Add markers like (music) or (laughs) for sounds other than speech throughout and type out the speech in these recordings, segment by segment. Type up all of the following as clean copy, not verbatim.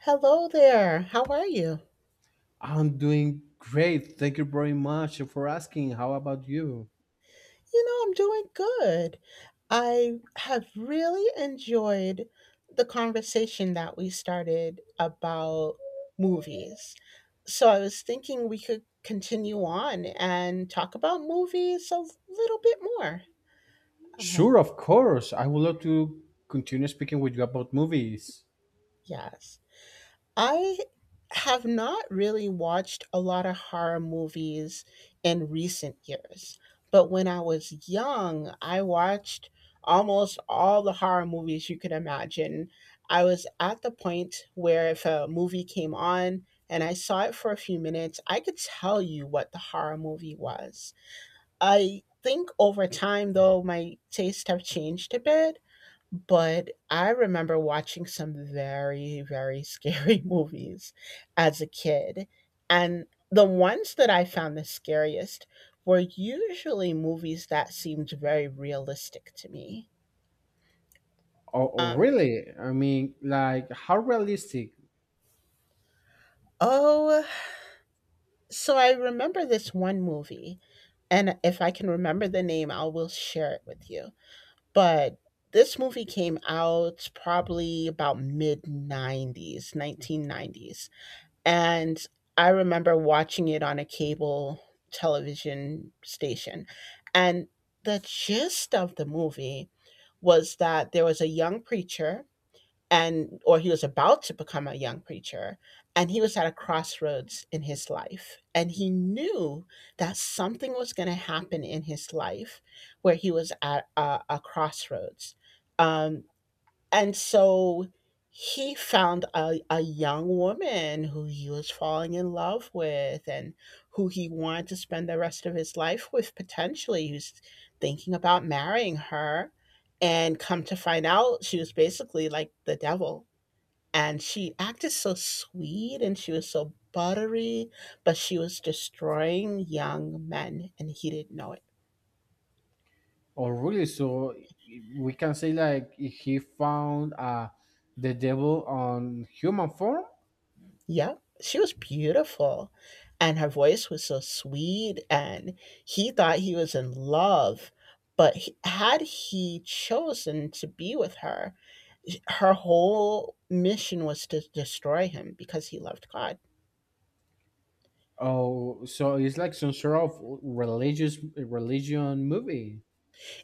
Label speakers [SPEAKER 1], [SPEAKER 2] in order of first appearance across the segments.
[SPEAKER 1] Hello there. How are you?
[SPEAKER 2] I'm doing great. Thank you very much for asking. How about you?
[SPEAKER 1] You know, I'm doing good. I have really enjoyed the conversation that we started about movies. So I was thinking we could continue on and talk about movies a little bit more. Uh,
[SPEAKER 2] Sure, of course. I would love to continue speaking with you about movies.
[SPEAKER 1] yes. I have not really watched a lot of horror movies in recent years, but when I was young, I watched almost all the horror movies you could imagine. I was at the point where if a movie came on and I saw it for a few minutes, I could tell you what the horror movie was. I think over time, though, my tastes have changed a bit, but I remember watching some very, very (laughs) scary movies as a kid. And the ones that I found the scariest were usually movies that seemed very realistic to me.
[SPEAKER 2] Oh, oh,
[SPEAKER 1] Um,
[SPEAKER 2] really? I mean, like, how realistic?
[SPEAKER 1] oh, so I remember this one movie, and if I can remember the name, I will share it with you. But this movie came out probably about mid 90s, 1990s. And I remember watching it on a cable television station. And the gist of the movie was that there was a young preacher, and or he was about to become a young preacher, and he was at a crossroads in his life, and he knew that something was going to happen in his life where he was at a crossroads, um, and so he found a young woman who he was falling in love with and who he wanted to spend the rest of his life with, potentially. He was thinking about marrying her. And come to find out, she was basically like the devil. And she acted so sweet and she was so buttery, but she was destroying young men and he didn't know it.
[SPEAKER 2] Oh, really? So we can say, like, he found the devil on human form?
[SPEAKER 1] Yeah, she was beautiful. And her voice was so sweet, and he thought he was in love. But had he chosen to be with her, her whole mission was to destroy him because he loved God.
[SPEAKER 2] Oh, so it's like some sort of religious religion movie.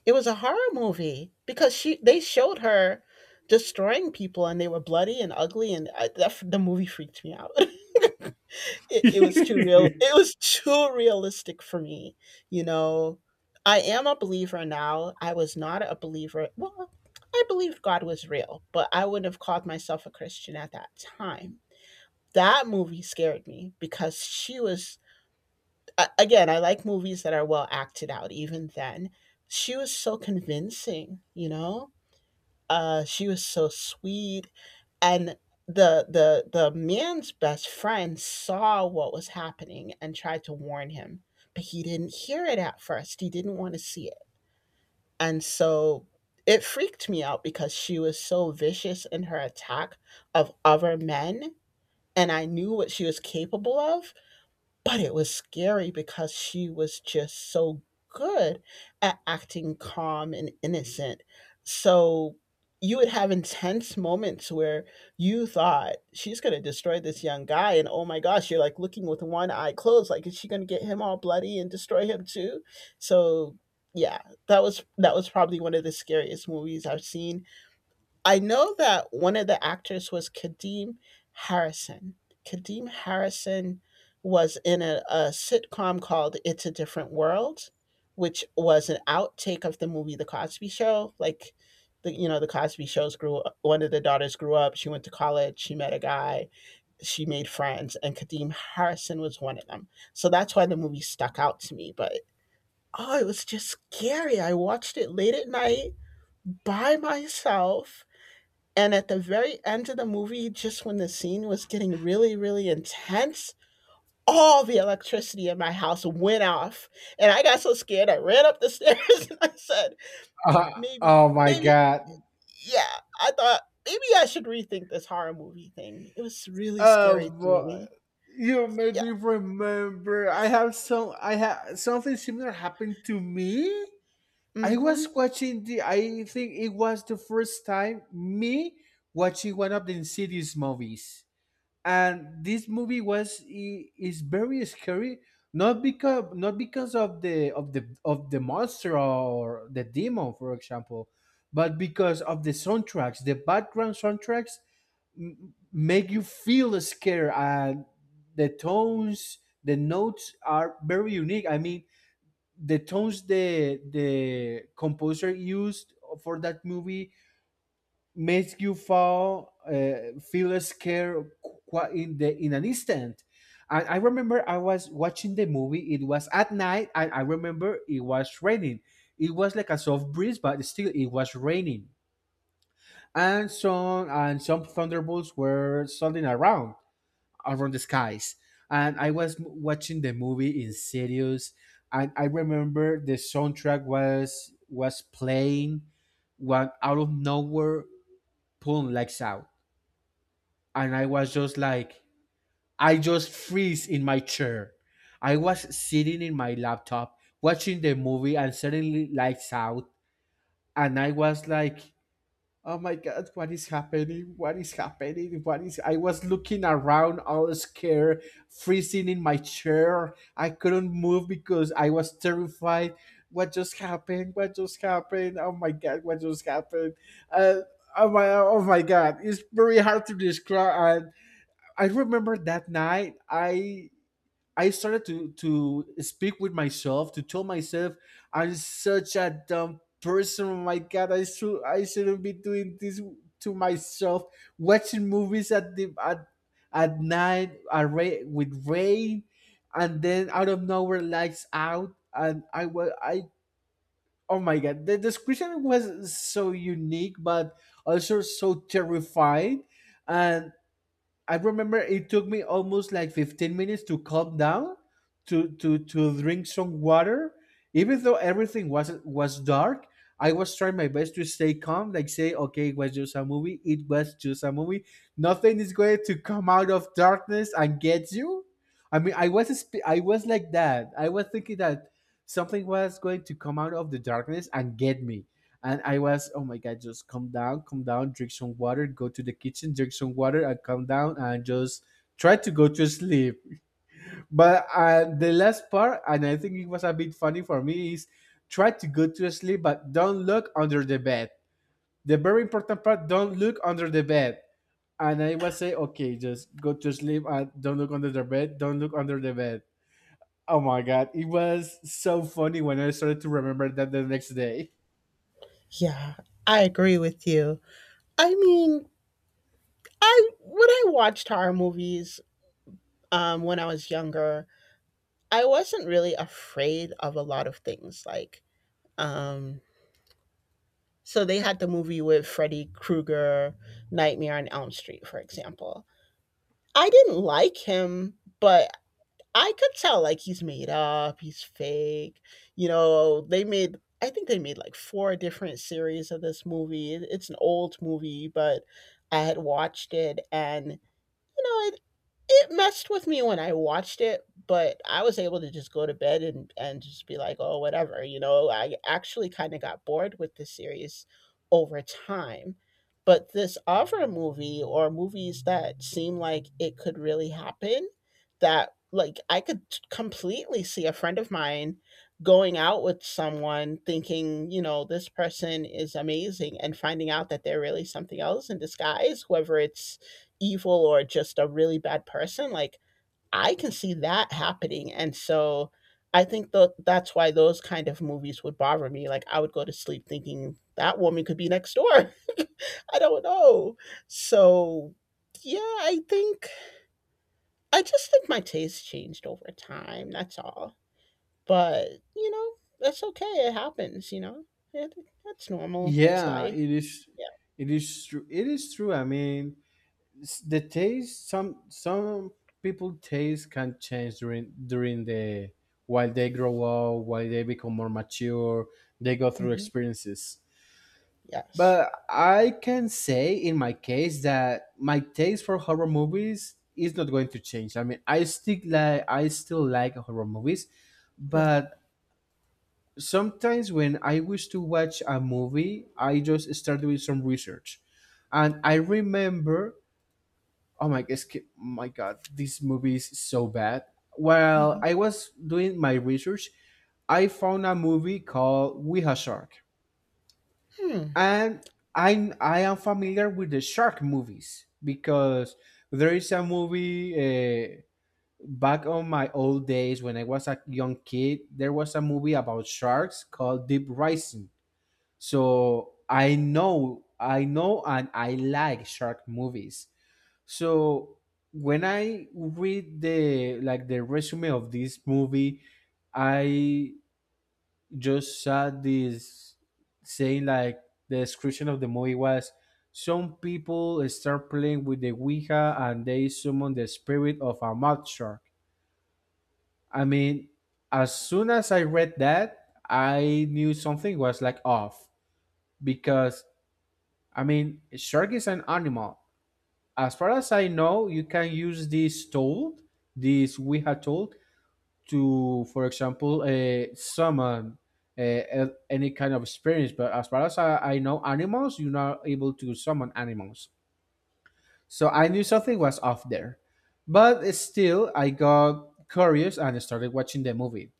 [SPEAKER 1] It was a horror movie because she they showed her destroying people and they were bloody and ugly, and the movie freaked me out. (laughs) It was too real.
[SPEAKER 2] (laughs)
[SPEAKER 1] It was too realistic for me. You know, I am a believer now. I was not a believer. Well, I believed God was real, but I wouldn't have called myself a Christian at that time. That movie scared me because she was again, I like movies that are well acted out. Even then, she was so convincing. You know, she was so sweet, and the man's best friend saw what was happening and tried to warn him, but he didn't hear it at first. He didn't want to see it, and so it freaked me out because she was so vicious in her attack of other men, and I knew what she was capable of, but it was scary because she was just so good at acting calm and innocent. So you would have intense moments where you thought she's going to destroy this young guy, and oh my gosh, you're like looking with one eye closed like, is she going to get him all bloody and destroy him too? So, yeah, that was probably one of the scariest movies I've seen. I know that one of the actors was Kadeem Harrison. Kadeem Harrison was in a sitcom called It's a Different World, which was an outtake of the movie The Cosby Show. Like, The Cosby Shows, grew, one of the daughters grew up, she went to college, she met a guy, she made friends, and Kadeem Harrison was one of them. So that's why the movie stuck out to me. But oh, it was just scary. I watched it late at night by myself, and at the very end of the movie, just when the scene was getting really, really intense, all the electricity in my house went off. And I got so scared, I ran up the stairs (laughs) and I said,
[SPEAKER 2] Uh,
[SPEAKER 1] maybe,
[SPEAKER 2] oh my
[SPEAKER 1] maybe,
[SPEAKER 2] god.
[SPEAKER 1] yeah, I thought maybe I should rethink this horror movie thing. It was really scary to
[SPEAKER 2] Um,
[SPEAKER 1] me.
[SPEAKER 2] you made
[SPEAKER 1] Yeah.
[SPEAKER 2] me remember. I have some. I have something similar happened to me. I was
[SPEAKER 1] Hmm.
[SPEAKER 2] watching the. I think it was the first time me watching one of the Insidious movies, and this movie was is very scary. Not because of the monster or the demon, for example, but because of the soundtracks, the background soundtracks make you feel scared. And the tones, the notes are very unique. I mean, the tones the composer used for that movie makes you fall, feel scared in the in an instant. And I remember I was watching the movie. It was at night, and I remember it was raining. It was like a soft breeze, but still it was raining and some thunderbolts were suddenly around the skies. And I was watching the movie in Sirius, and I remember the soundtrack was playing when out of nowhere Pum lights out, and I was just like, I just freeze in my chair. I was sitting in my laptop watching the movie, and suddenly lights out, and I was like, oh my god, what is happening? What is happening? What is, I was looking around all scared, freezing in my chair. I couldn't move because I was terrified. What just happened? What just happened? Oh my god, what just happened? Uh, oh my god. It's very hard to describe, and I remember that night I started to speak with myself, to tell myself I'm such a dumb person. Oh my god, I should I shouldn't be doing this to myself. Watching movies at the at night at with rain, and then out of nowhere lights out, and I was I oh my god, the description was so unique, but also so terrifying. And I remember it took me almost like 15 minutes to calm down, to drink some water. Even though everything was dark, I was trying my best to stay calm, like say, okay, it was just a movie, it was just a movie. Nothing is going to come out of darkness and get you. I mean, I was I was like that. I was thinking that something was going to come out of the darkness and get me. And I was, oh my God, just calm down, drink some water, go to the kitchen, drink some water, and calm down and just try to go to sleep. But the last part, and I think it was a bit funny for me, is try to go to sleep, but don't look under the bed. The very important part, don't look under the bed. And I was say, okay, just go to sleep and don't look under the bed, don't look under the bed. Oh my God, it was so funny when I started to remember that the next day.
[SPEAKER 1] Yeah, I agree with you. I mean, I, when I watched horror movies when I was younger, I wasn't really afraid of a lot of things. Like, Um, so they had the movie with Freddy Krueger, Nightmare on Elm Street, for example. I didn't like him, but I could tell, like, he's made up, he's fake. You know, they made I think they made like four different series of this movie. It's an old movie, but I had watched it, and you know, it messed with me when I watched it, but I was able to just go to bed and just be like, "Oh, whatever," you know? I actually kinda got bored with the series over time. But this other movie or movies that seem like it could really happen, that, like, I could completely see a friend of mine going out with someone thinking, you know, "This person is amazing," and finding out that they're really something else in disguise, whether it's evil or just a really bad person, like, I can see that happening. And so I think that's why those kind of movies would bother me. Like, I would go to sleep thinking that woman could be next door. (laughs) I don't know. So, yeah, I think I just think my taste changed over time, that's all. But, you know, that's okay, it happens, you know. it, that's normal, it's
[SPEAKER 2] Yeah,
[SPEAKER 1] life.
[SPEAKER 2] it is. It is true. It is true. I mean, the taste. Some people taste can change during the while they grow up, while they become more mature, they go
[SPEAKER 1] Yeah.
[SPEAKER 2] through
[SPEAKER 1] Hmm.
[SPEAKER 2] experiences.
[SPEAKER 1] Yes.
[SPEAKER 2] But I can say in my case that my taste for horror movies is not going to change. I mean, I stick like I still like horror movies,
[SPEAKER 1] Yeah.
[SPEAKER 2] but sometimes when I wish to watch a movie, I just start doing some research, and I
[SPEAKER 1] Yeah.
[SPEAKER 2] remember, oh my god, this movie is so bad. While
[SPEAKER 1] Hmm.
[SPEAKER 2] I was doing my research, I found a movie called We Have Shark,
[SPEAKER 1] Hmm.
[SPEAKER 2] and I am familiar with the shark movies because there is a movie. Back on my old days when I was a young kid, there was a movie about sharks called Deep Rising, so I know, and I like shark movies. So when I read the like the resume of this movie, I just saw this saying like the description of the movie was some people start playing with the Ouija and they summon the spirit of a mud shark. I mean, as soon as I read that, I knew something was like off because I mean, a shark is an animal. As far as I know, you can use this tool, this Ouija tool, to, for example, summon any kind of experience. But as far as I know, animals, you're not able to summon animals. So I knew something was off there. But still, I got curious and started watching the movie.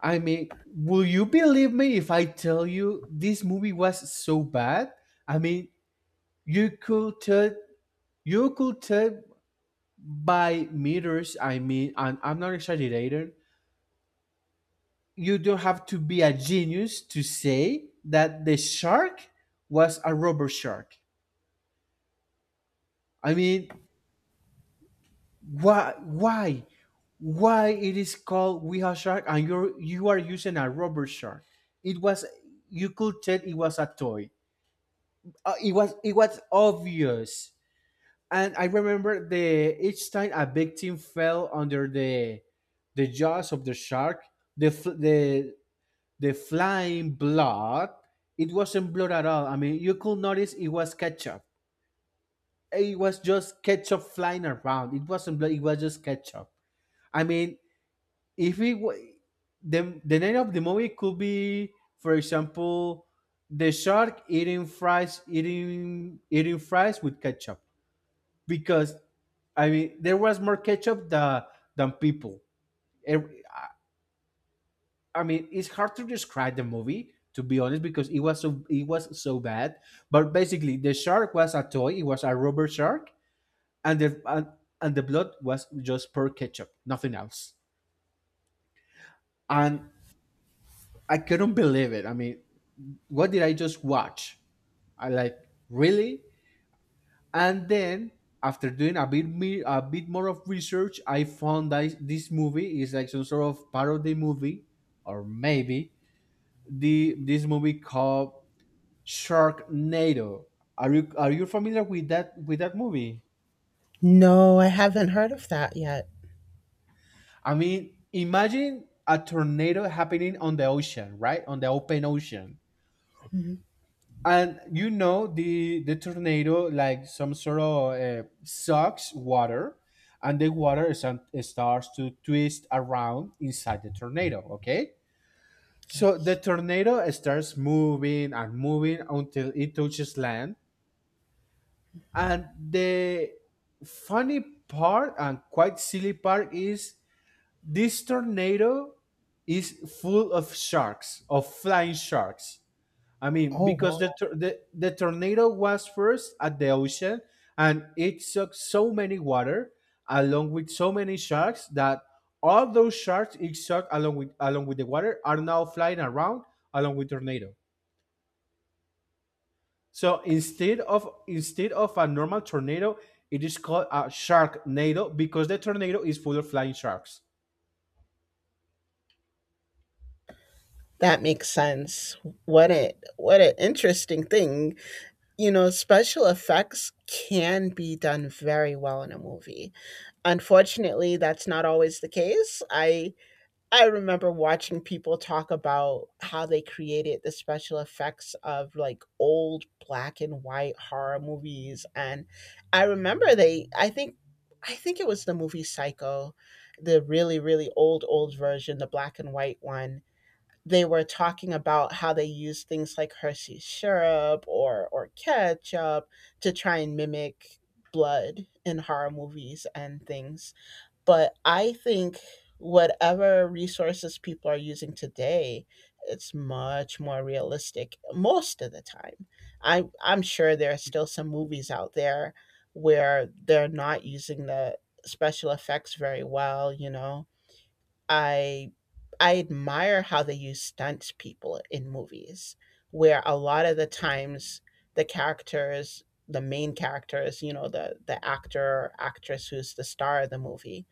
[SPEAKER 2] I mean, will you believe me if I tell you this movie was so bad? I mean, you could tell. You could tell by meters, I mean, and I'm not exaggerating, you don't have to be a genius to say that the shark was a rubber shark. I mean, why why it is called Weha shark and you are using a rubber shark? It was, you could tell it was a toy. It was obvious. And I remember the each time a victim fell under the jaws of the shark, the f- the the flying blood, it wasn't blood at all. I mean, you could notice it was ketchup. It was just ketchup flying around. It wasn't blood. It was just ketchup. I mean, if it wa the name of the movie could be, for example, the shark eating fries, eating fries with ketchup, because I mean there was more ketchup than people. Ev- I mean it's hard to describe the movie to be honest because it was it was so bad. But basically the shark was a toy. It was a rubber shark, and and the blood was just pure ketchup, nothing else. And I couldn't believe it. I mean, what did I just watch? I like, really. And then after doing a bit more of research, I found that this movie is like some sort of parody movie, or maybe the this movie called Sharknado. Are you familiar with that movie?
[SPEAKER 1] No, I haven't heard of that yet.
[SPEAKER 2] I mean, imagine a tornado happening on the ocean, right? On the open ocean,
[SPEAKER 1] Hmm.
[SPEAKER 2] and you know the tornado like some sort of sucks water and the water is, it starts to twist around inside the tornado, okay, so the tornado starts moving and moving until it touches land, and the funny part and quite silly part is this tornado is full of sharks of flying sharks. I mean,
[SPEAKER 1] Oh
[SPEAKER 2] because
[SPEAKER 1] wow.
[SPEAKER 2] the tornado was first at the ocean, and it sucked so many water along with so many sharks that all those sharks it sucked along with the water are now flying around along with tornado. So instead of a normal tornado, it is called a sharknado because the tornado is full of flying sharks.
[SPEAKER 1] That makes sense. What a, what an interesting thing. You know, special effects can be done very well in a movie. Unfortunately, that's not always the case. I remember watching people talk about how they created the special effects of like old black and white horror movies, and I remember they I think it was the movie Psycho, the really really old old version, the black and white one. They were talking about how they used things like Hershey syrup or ketchup to try and mimic blood in horror movies and things, but I think whatever resources people are using today, it's much more realistic most of the time. I'm sure there are still some movies out there where they're not using the special effects very well, you know. I I admire how they use stunts people in movies where a lot of the times the characters the main characters, you know, the actor or actress who's the star of the movie,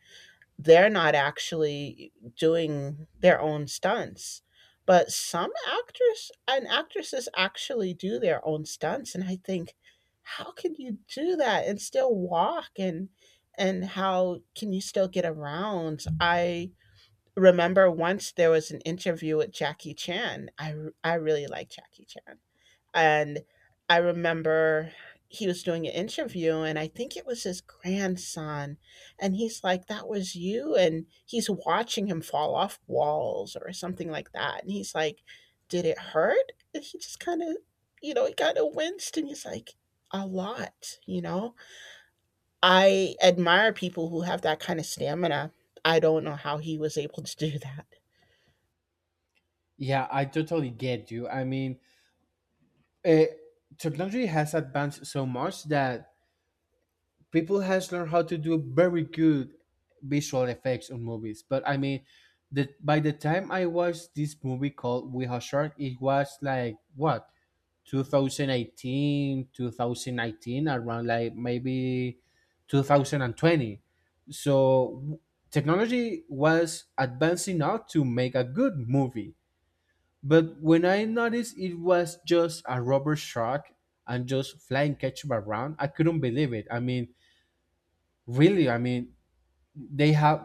[SPEAKER 1] they're not actually doing their own stunts. But some actors and actresses actually do their own stunts, and I think, how can you do that and still walk, and how can you still get around? I remember once there was an interview with Jackie Chan. I really like Jackie Chan, and I remember he was doing an interview, and I think it was his grandson. And he's like, "That was you." And he's watching him fall off walls or something like that. And he's like, "Did it hurt?" And he just kind of, you know, he kind of winced and he's like, "A lot," you know? I admire people who have that kind of stamina. I don't know how he was able to do that.
[SPEAKER 2] Yeah, I totally get you. I mean, uh, technology has advanced so much that people has learned how to do very good visual effects on movies, but I mean by the time I watched this movie called We Have Shark, it was like what, 2018, 2019, around like maybe 2020. So technology was advancing out to make a good movie, but when I noticed it was just a rubber shark and just flying ketchup around, I couldn't believe it. I mean, really, I mean, they have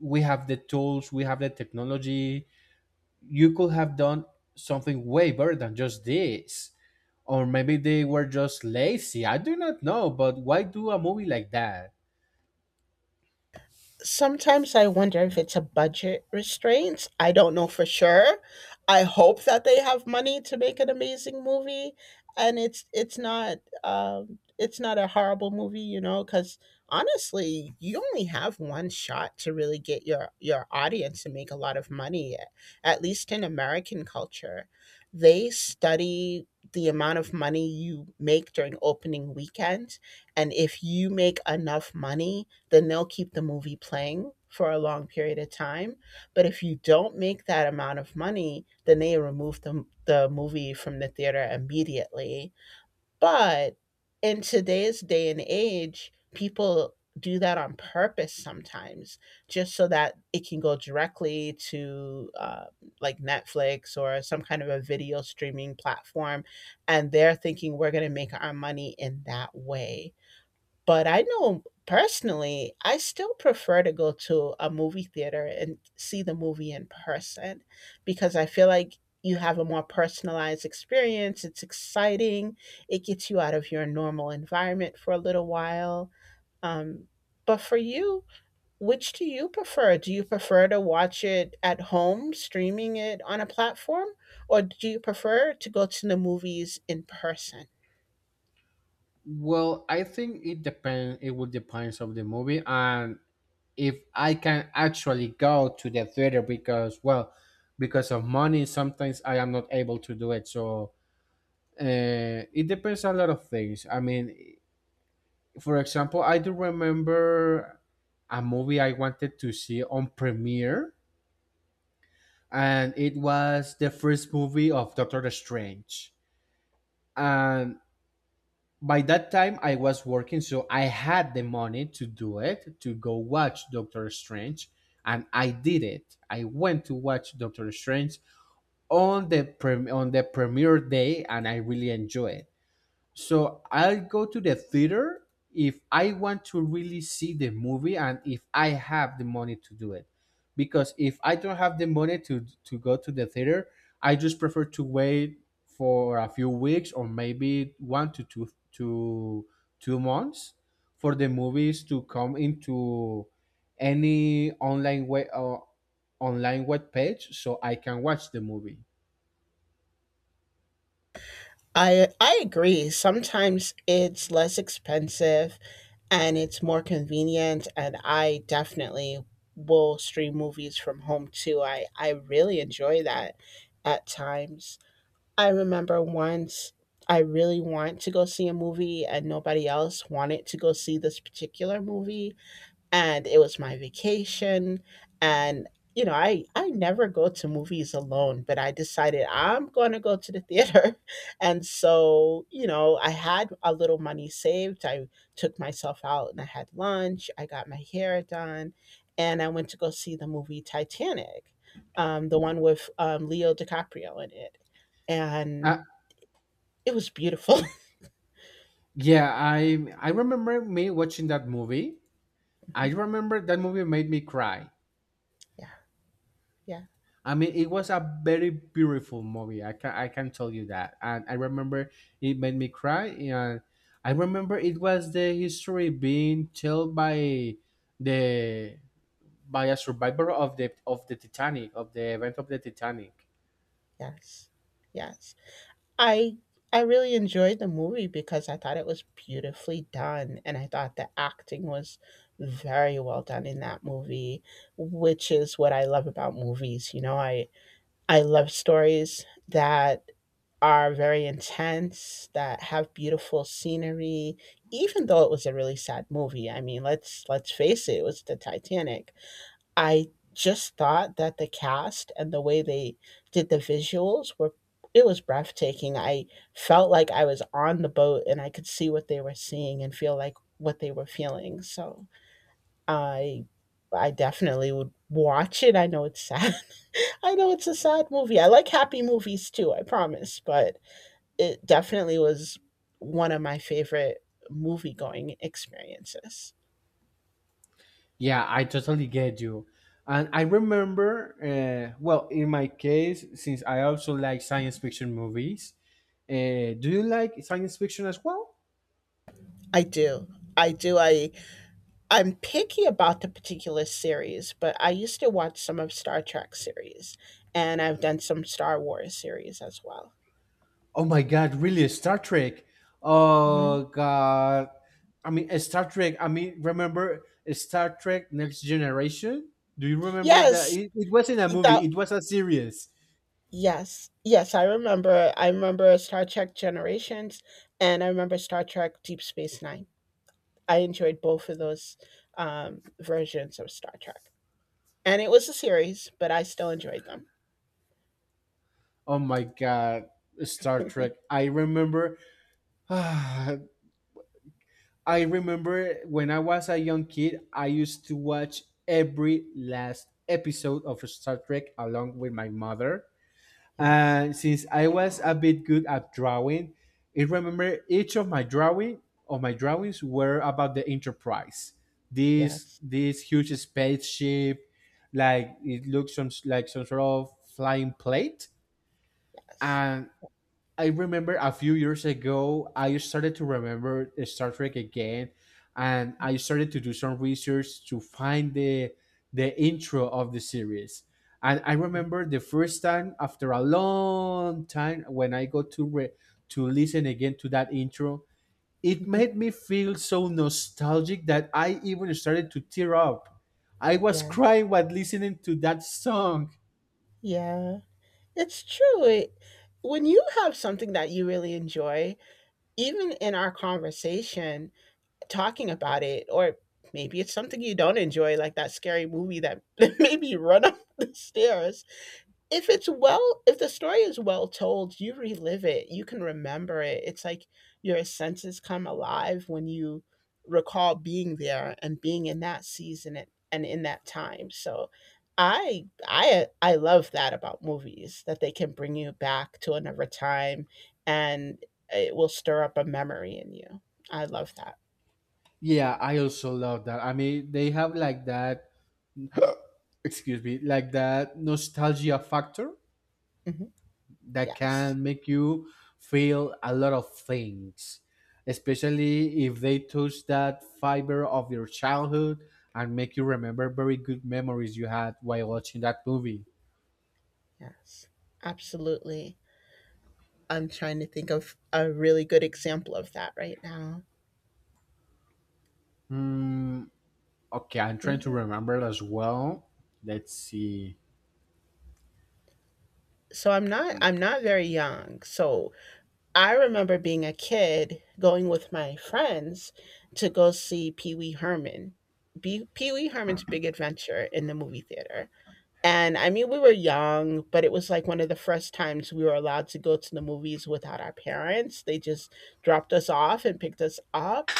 [SPEAKER 2] we have the tools, we have the technology, you could have done something way better than just this, or maybe they were just lazy, I do not know, but why do a movie like that?
[SPEAKER 1] Sometimes I wonder if it's a budget restraint. I don't know for sure. I hope that they have money to make an amazing movie, and it's not a horrible movie, you know. Because honestly, you only have one shot to really get your audience to make a lot of money. At least in American culture, they study the amount of money you make during opening weekend, and if you make enough money, then they'll keep the movie playing for a long period of time. But if you don't make that amount of money, then they remove the movie from the theater immediately. But in today's day and age, people do that on purpose sometimes just so that it can go directly to, like Netflix or some kind of a video streaming platform. And they're thinking we're going to make our money in that way. But I know personally, I still prefer to go to a movie theater and see the movie in person because I feel like you have a more personalized experience. It's exciting. It gets you out of your normal environment for a little while. Um, but for you, which do you prefer? Do you prefer to watch it at home, streaming it on a platform, or do you prefer to go to the movies in person?
[SPEAKER 2] Well, I think it depends, it will depends of the movie, and if I can actually go to the theater, because well, because of money sometimes I am not able to do it, so it depends on a lot of things. I mean, for example, I do remember a movie I wanted to see on premiere, and it was the first movie of Doctor Strange. And by that time, I was working, so I had the money to do it, to go watch Doctor Strange, and I did it. I went to watch Doctor Strange on the prem on the premiere day, and I really enjoyed. So I'll go to the theater if I want to really see the movie and if I have the money to do it. Because if I don't have the money to go to the theater, I just prefer to wait for a few weeks or maybe one to two months for the movies to come into any online web page so I can watch the movie.
[SPEAKER 1] I agree. Sometimes it's less expensive and it's more convenient, and I definitely will stream movies from home too. I really enjoy that at times. I remember once I really want to go see a movie and nobody else wanted to go see this particular movie and it was my vacation and you know I never go to movies alone but I decided I'm going to go to the theater (laughs) and so you know I had a little money saved I took myself out and I had lunch I got my hair done and I went to go see the movie titanic the one with leo dicaprio in it
[SPEAKER 2] Uh,
[SPEAKER 1] and it was beautiful
[SPEAKER 2] yeah, I remember me watching that movie. I
[SPEAKER 1] (laughs)
[SPEAKER 2] remember that movie made me cry.
[SPEAKER 1] yeah, yeah,
[SPEAKER 2] I mean, it was a very beautiful movie. I can tell you that, and I remember it made me cry. And I remember it was the history being told by the by a survivor of the event of the Titanic.
[SPEAKER 1] yes, yes, I I really enjoyed the movie because I thought it was beautifully done and I thought the acting was very well done in that movie, which is what I love about movies. You know, I love stories that are very intense, that have beautiful scenery, even though it was a really sad movie. I mean, let's face it, it was the Titanic. I just thought that the cast and the way they did the visuals were it was breathtaking. I felt like I was on the boat and I could see what they were seeing and feel like what they were feeling. So I I definitely would watch it. I know it's sad. (laughs) I know it's a sad movie. I like happy movies too, I promise, but it definitely was one of my favorite movie going experiences.
[SPEAKER 2] Yeah, I totally get you. And I remember, well, in my case, since I also like science fiction movies, do you like science fiction as well?
[SPEAKER 1] I do. I do. I'm picky about the particular series, but I used to watch some of Star Trek series, and I've done some Star Wars series as well.
[SPEAKER 2] Oh my God, really? Star Trek?
[SPEAKER 1] Mhm.
[SPEAKER 2] Oh God. I mean, Star Trek. I mean, remember Star Trek Next Generation? Do you remember that?
[SPEAKER 1] Yes,
[SPEAKER 2] It wasn't a
[SPEAKER 1] e that
[SPEAKER 2] movie, it was a series.
[SPEAKER 1] yes, yes, I remember Star Trek Generations, and I remember Star Trek Deep Space Nine. I enjoyed both of those, versions of Star Trek, and it was a series, but I still enjoyed them.
[SPEAKER 2] Oh my God, Star Trek. I remember. (sighs) I remember when I was a young kid, I used to watch every last episode of Star Trek along with my mother.
[SPEAKER 1] Yes,
[SPEAKER 2] And since I was a bit good at drawing, I remember each of my drawings were about the Enterprise. This
[SPEAKER 1] yes,
[SPEAKER 2] huge spaceship, like it looks some like some sort of flying plate.
[SPEAKER 1] yes.
[SPEAKER 2] And I remember a few years ago, I started to remember Star Trek again, and I started to do some research to find the intro of the series. And I
[SPEAKER 1] Mhm,
[SPEAKER 2] remember the first time after a long time when I got to listen again to that intro, it
[SPEAKER 1] mhm.
[SPEAKER 2] made me feel so nostalgic that I even started to tear up. I was
[SPEAKER 1] Yeah,
[SPEAKER 2] crying while listening to that song.
[SPEAKER 1] yeah. It's true. When you have something that you really enjoy, even in our conversation, talking about it, or maybe it's something you don't enjoy, like that scary movie that (laughs) made me run up the stairs, if the story is well told, you relive it, you can remember it. It's like your senses come alive when you recall being there and being in that season and in that time. So I love that about movies that they can bring you back to another time and it will stir up a memory in you. I love that.
[SPEAKER 2] Yeah, I also love that. I mean, they have like that, excuse me, like that nostalgia factor
[SPEAKER 1] Mhm.
[SPEAKER 2] that
[SPEAKER 1] Yes.
[SPEAKER 2] can make you feel a lot of things, especially if they touch that fiber of your childhood and make you remember very good memories you had while watching that movie.
[SPEAKER 1] Yes. Absolutely. I'm trying to think of a really good example of that right now.
[SPEAKER 2] Hmm. Okay, I'm trying to
[SPEAKER 1] Mhm.
[SPEAKER 2] remember as well. Let's see.
[SPEAKER 1] So I'm not very young. So I remember being a kid going with my friends to go see Pee-wee Herman. Pee-wee Herman's Big Adventure in the movie theater. And I mean we were young, but it was like one of the first times we were allowed to go to the movies without our parents. They just dropped us off and picked us up.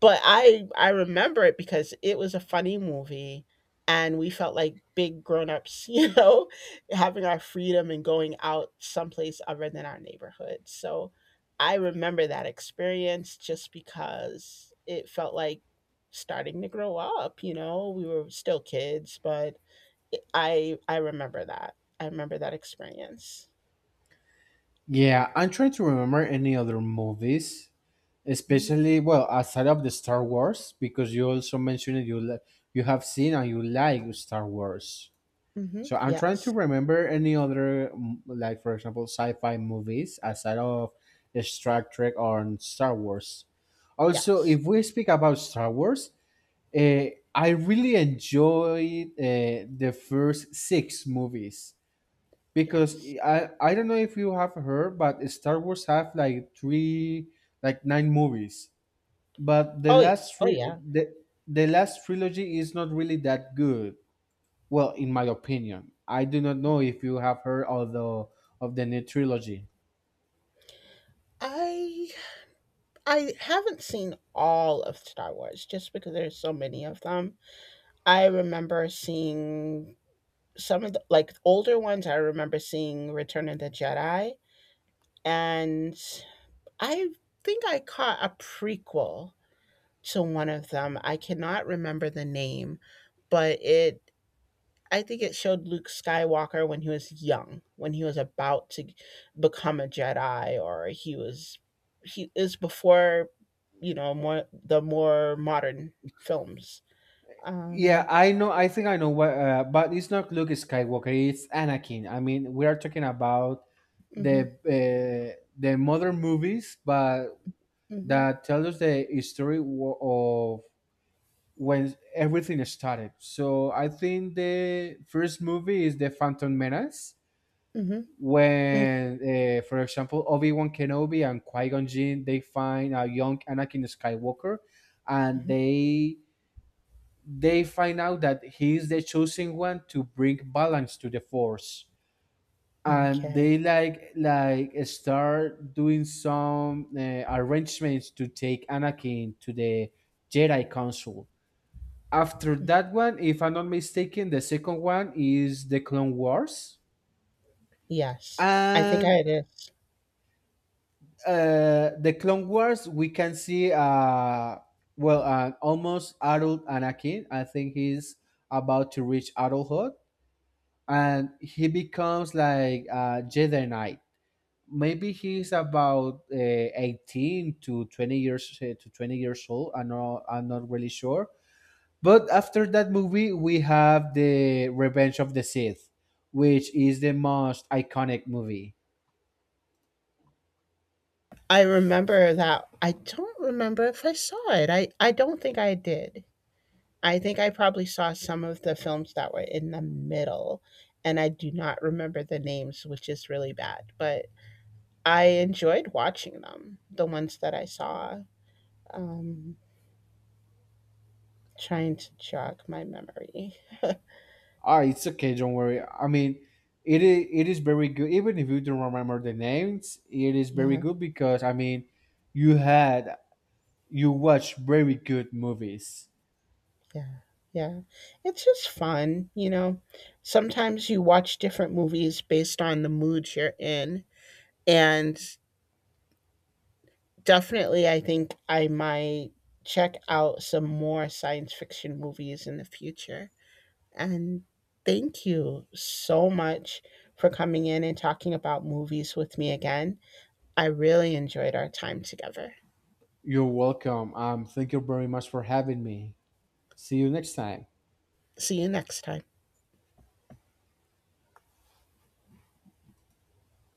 [SPEAKER 1] But I remember it because it was a funny movie, and we felt like big grown-ups, (laughs) you know, having our freedom and going out someplace other than our neighborhood. So I remember that experience just because it felt like starting to grow up, you know? We were still kids, but I remember that. I remember that experience.
[SPEAKER 2] Yeah, I'm trying to remember any other movies,
[SPEAKER 1] Mhm,
[SPEAKER 2] especially well outside of the Star Wars because you also mentioned it, you have seen and you like Star Wars.
[SPEAKER 1] mhm,
[SPEAKER 2] So I'm trying to
[SPEAKER 1] yes,
[SPEAKER 2] remember any other like, for example, sci-fi movies aside of Star Trek or Star Wars. Also,
[SPEAKER 1] yes,
[SPEAKER 2] if we speak about Star Wars, uh, I really enjoyed the first six movies because
[SPEAKER 1] yes.
[SPEAKER 2] I don't know if you have heard, but Star Wars have like nine movies, but the
[SPEAKER 1] Oh,
[SPEAKER 2] last
[SPEAKER 1] oh, yeah.
[SPEAKER 2] trilogy is not really that good. Well, in my opinion, I do not know if you have heard of the new trilogy.
[SPEAKER 1] I I haven't seen all of Star Wars just because there's so many of them. I remember seeing some of the like older ones. I remember seeing Return of the Jedi, and I think I caught a prequel to one of them. I cannot remember the name, but it I think it showed Luke Skywalker when he was young, when he was about to become a Jedi, or he is before, you know, more modern films.
[SPEAKER 2] Yeah,
[SPEAKER 1] Um,
[SPEAKER 2] I think I know what. But it's not Luke Skywalker, it's Anakin. I mean, we are talking about
[SPEAKER 1] hmm
[SPEAKER 2] the modern movies, but
[SPEAKER 1] hmm
[SPEAKER 2] that tell us the history of when everything started. So I think the first movie is The Phantom Menace,
[SPEAKER 1] hmm
[SPEAKER 2] when, for example, Obi Wan Kenobi and Qui Gon Jinn they find a young Anakin Skywalker, and
[SPEAKER 1] hmm
[SPEAKER 2] they find out that he's the chosen one to bring balance to the Force, and
[SPEAKER 1] Okay.
[SPEAKER 2] they like start doing some arrangements to take Anakin to the Jedi Council. After that one, if I'm not mistaken, the second one is the Clone Wars.
[SPEAKER 1] Yes, I think
[SPEAKER 2] And
[SPEAKER 1] I did.
[SPEAKER 2] uh, the Clone Wars, we can see well, almost adult Anakin. I think he's about to reach adulthood, and he becomes like a Jedi Knight. Maybe he's about 18 to 20 years old. I'm not really sure. But after that movie, we have the Revenge of the Sith, which is the most iconic movie.
[SPEAKER 1] I remember that. I don't remember if I saw it. I don't think I did. I think I probably saw some of the films that were in the middle, and I do not remember the names, which is really bad, but I enjoyed watching them, the ones that I saw. Um, trying to jog my memory.
[SPEAKER 2] Ah, it's okay. Don't worry. I mean, it is very good. Even if you don't remember the names, it is very
[SPEAKER 1] Yeah,
[SPEAKER 2] good because, I mean, you had you watch very good movies.
[SPEAKER 1] yeah, yeah. It's just fun, you know. Sometimes you watch different movies based on the mood you're in, and definitely I think I might check out some more science fiction movies in the future. And thank you so much for coming in and talking about movies with me again. I really enjoyed our time together.
[SPEAKER 2] You're welcome. Thank you very much for having me. See you next time.
[SPEAKER 1] See you next time.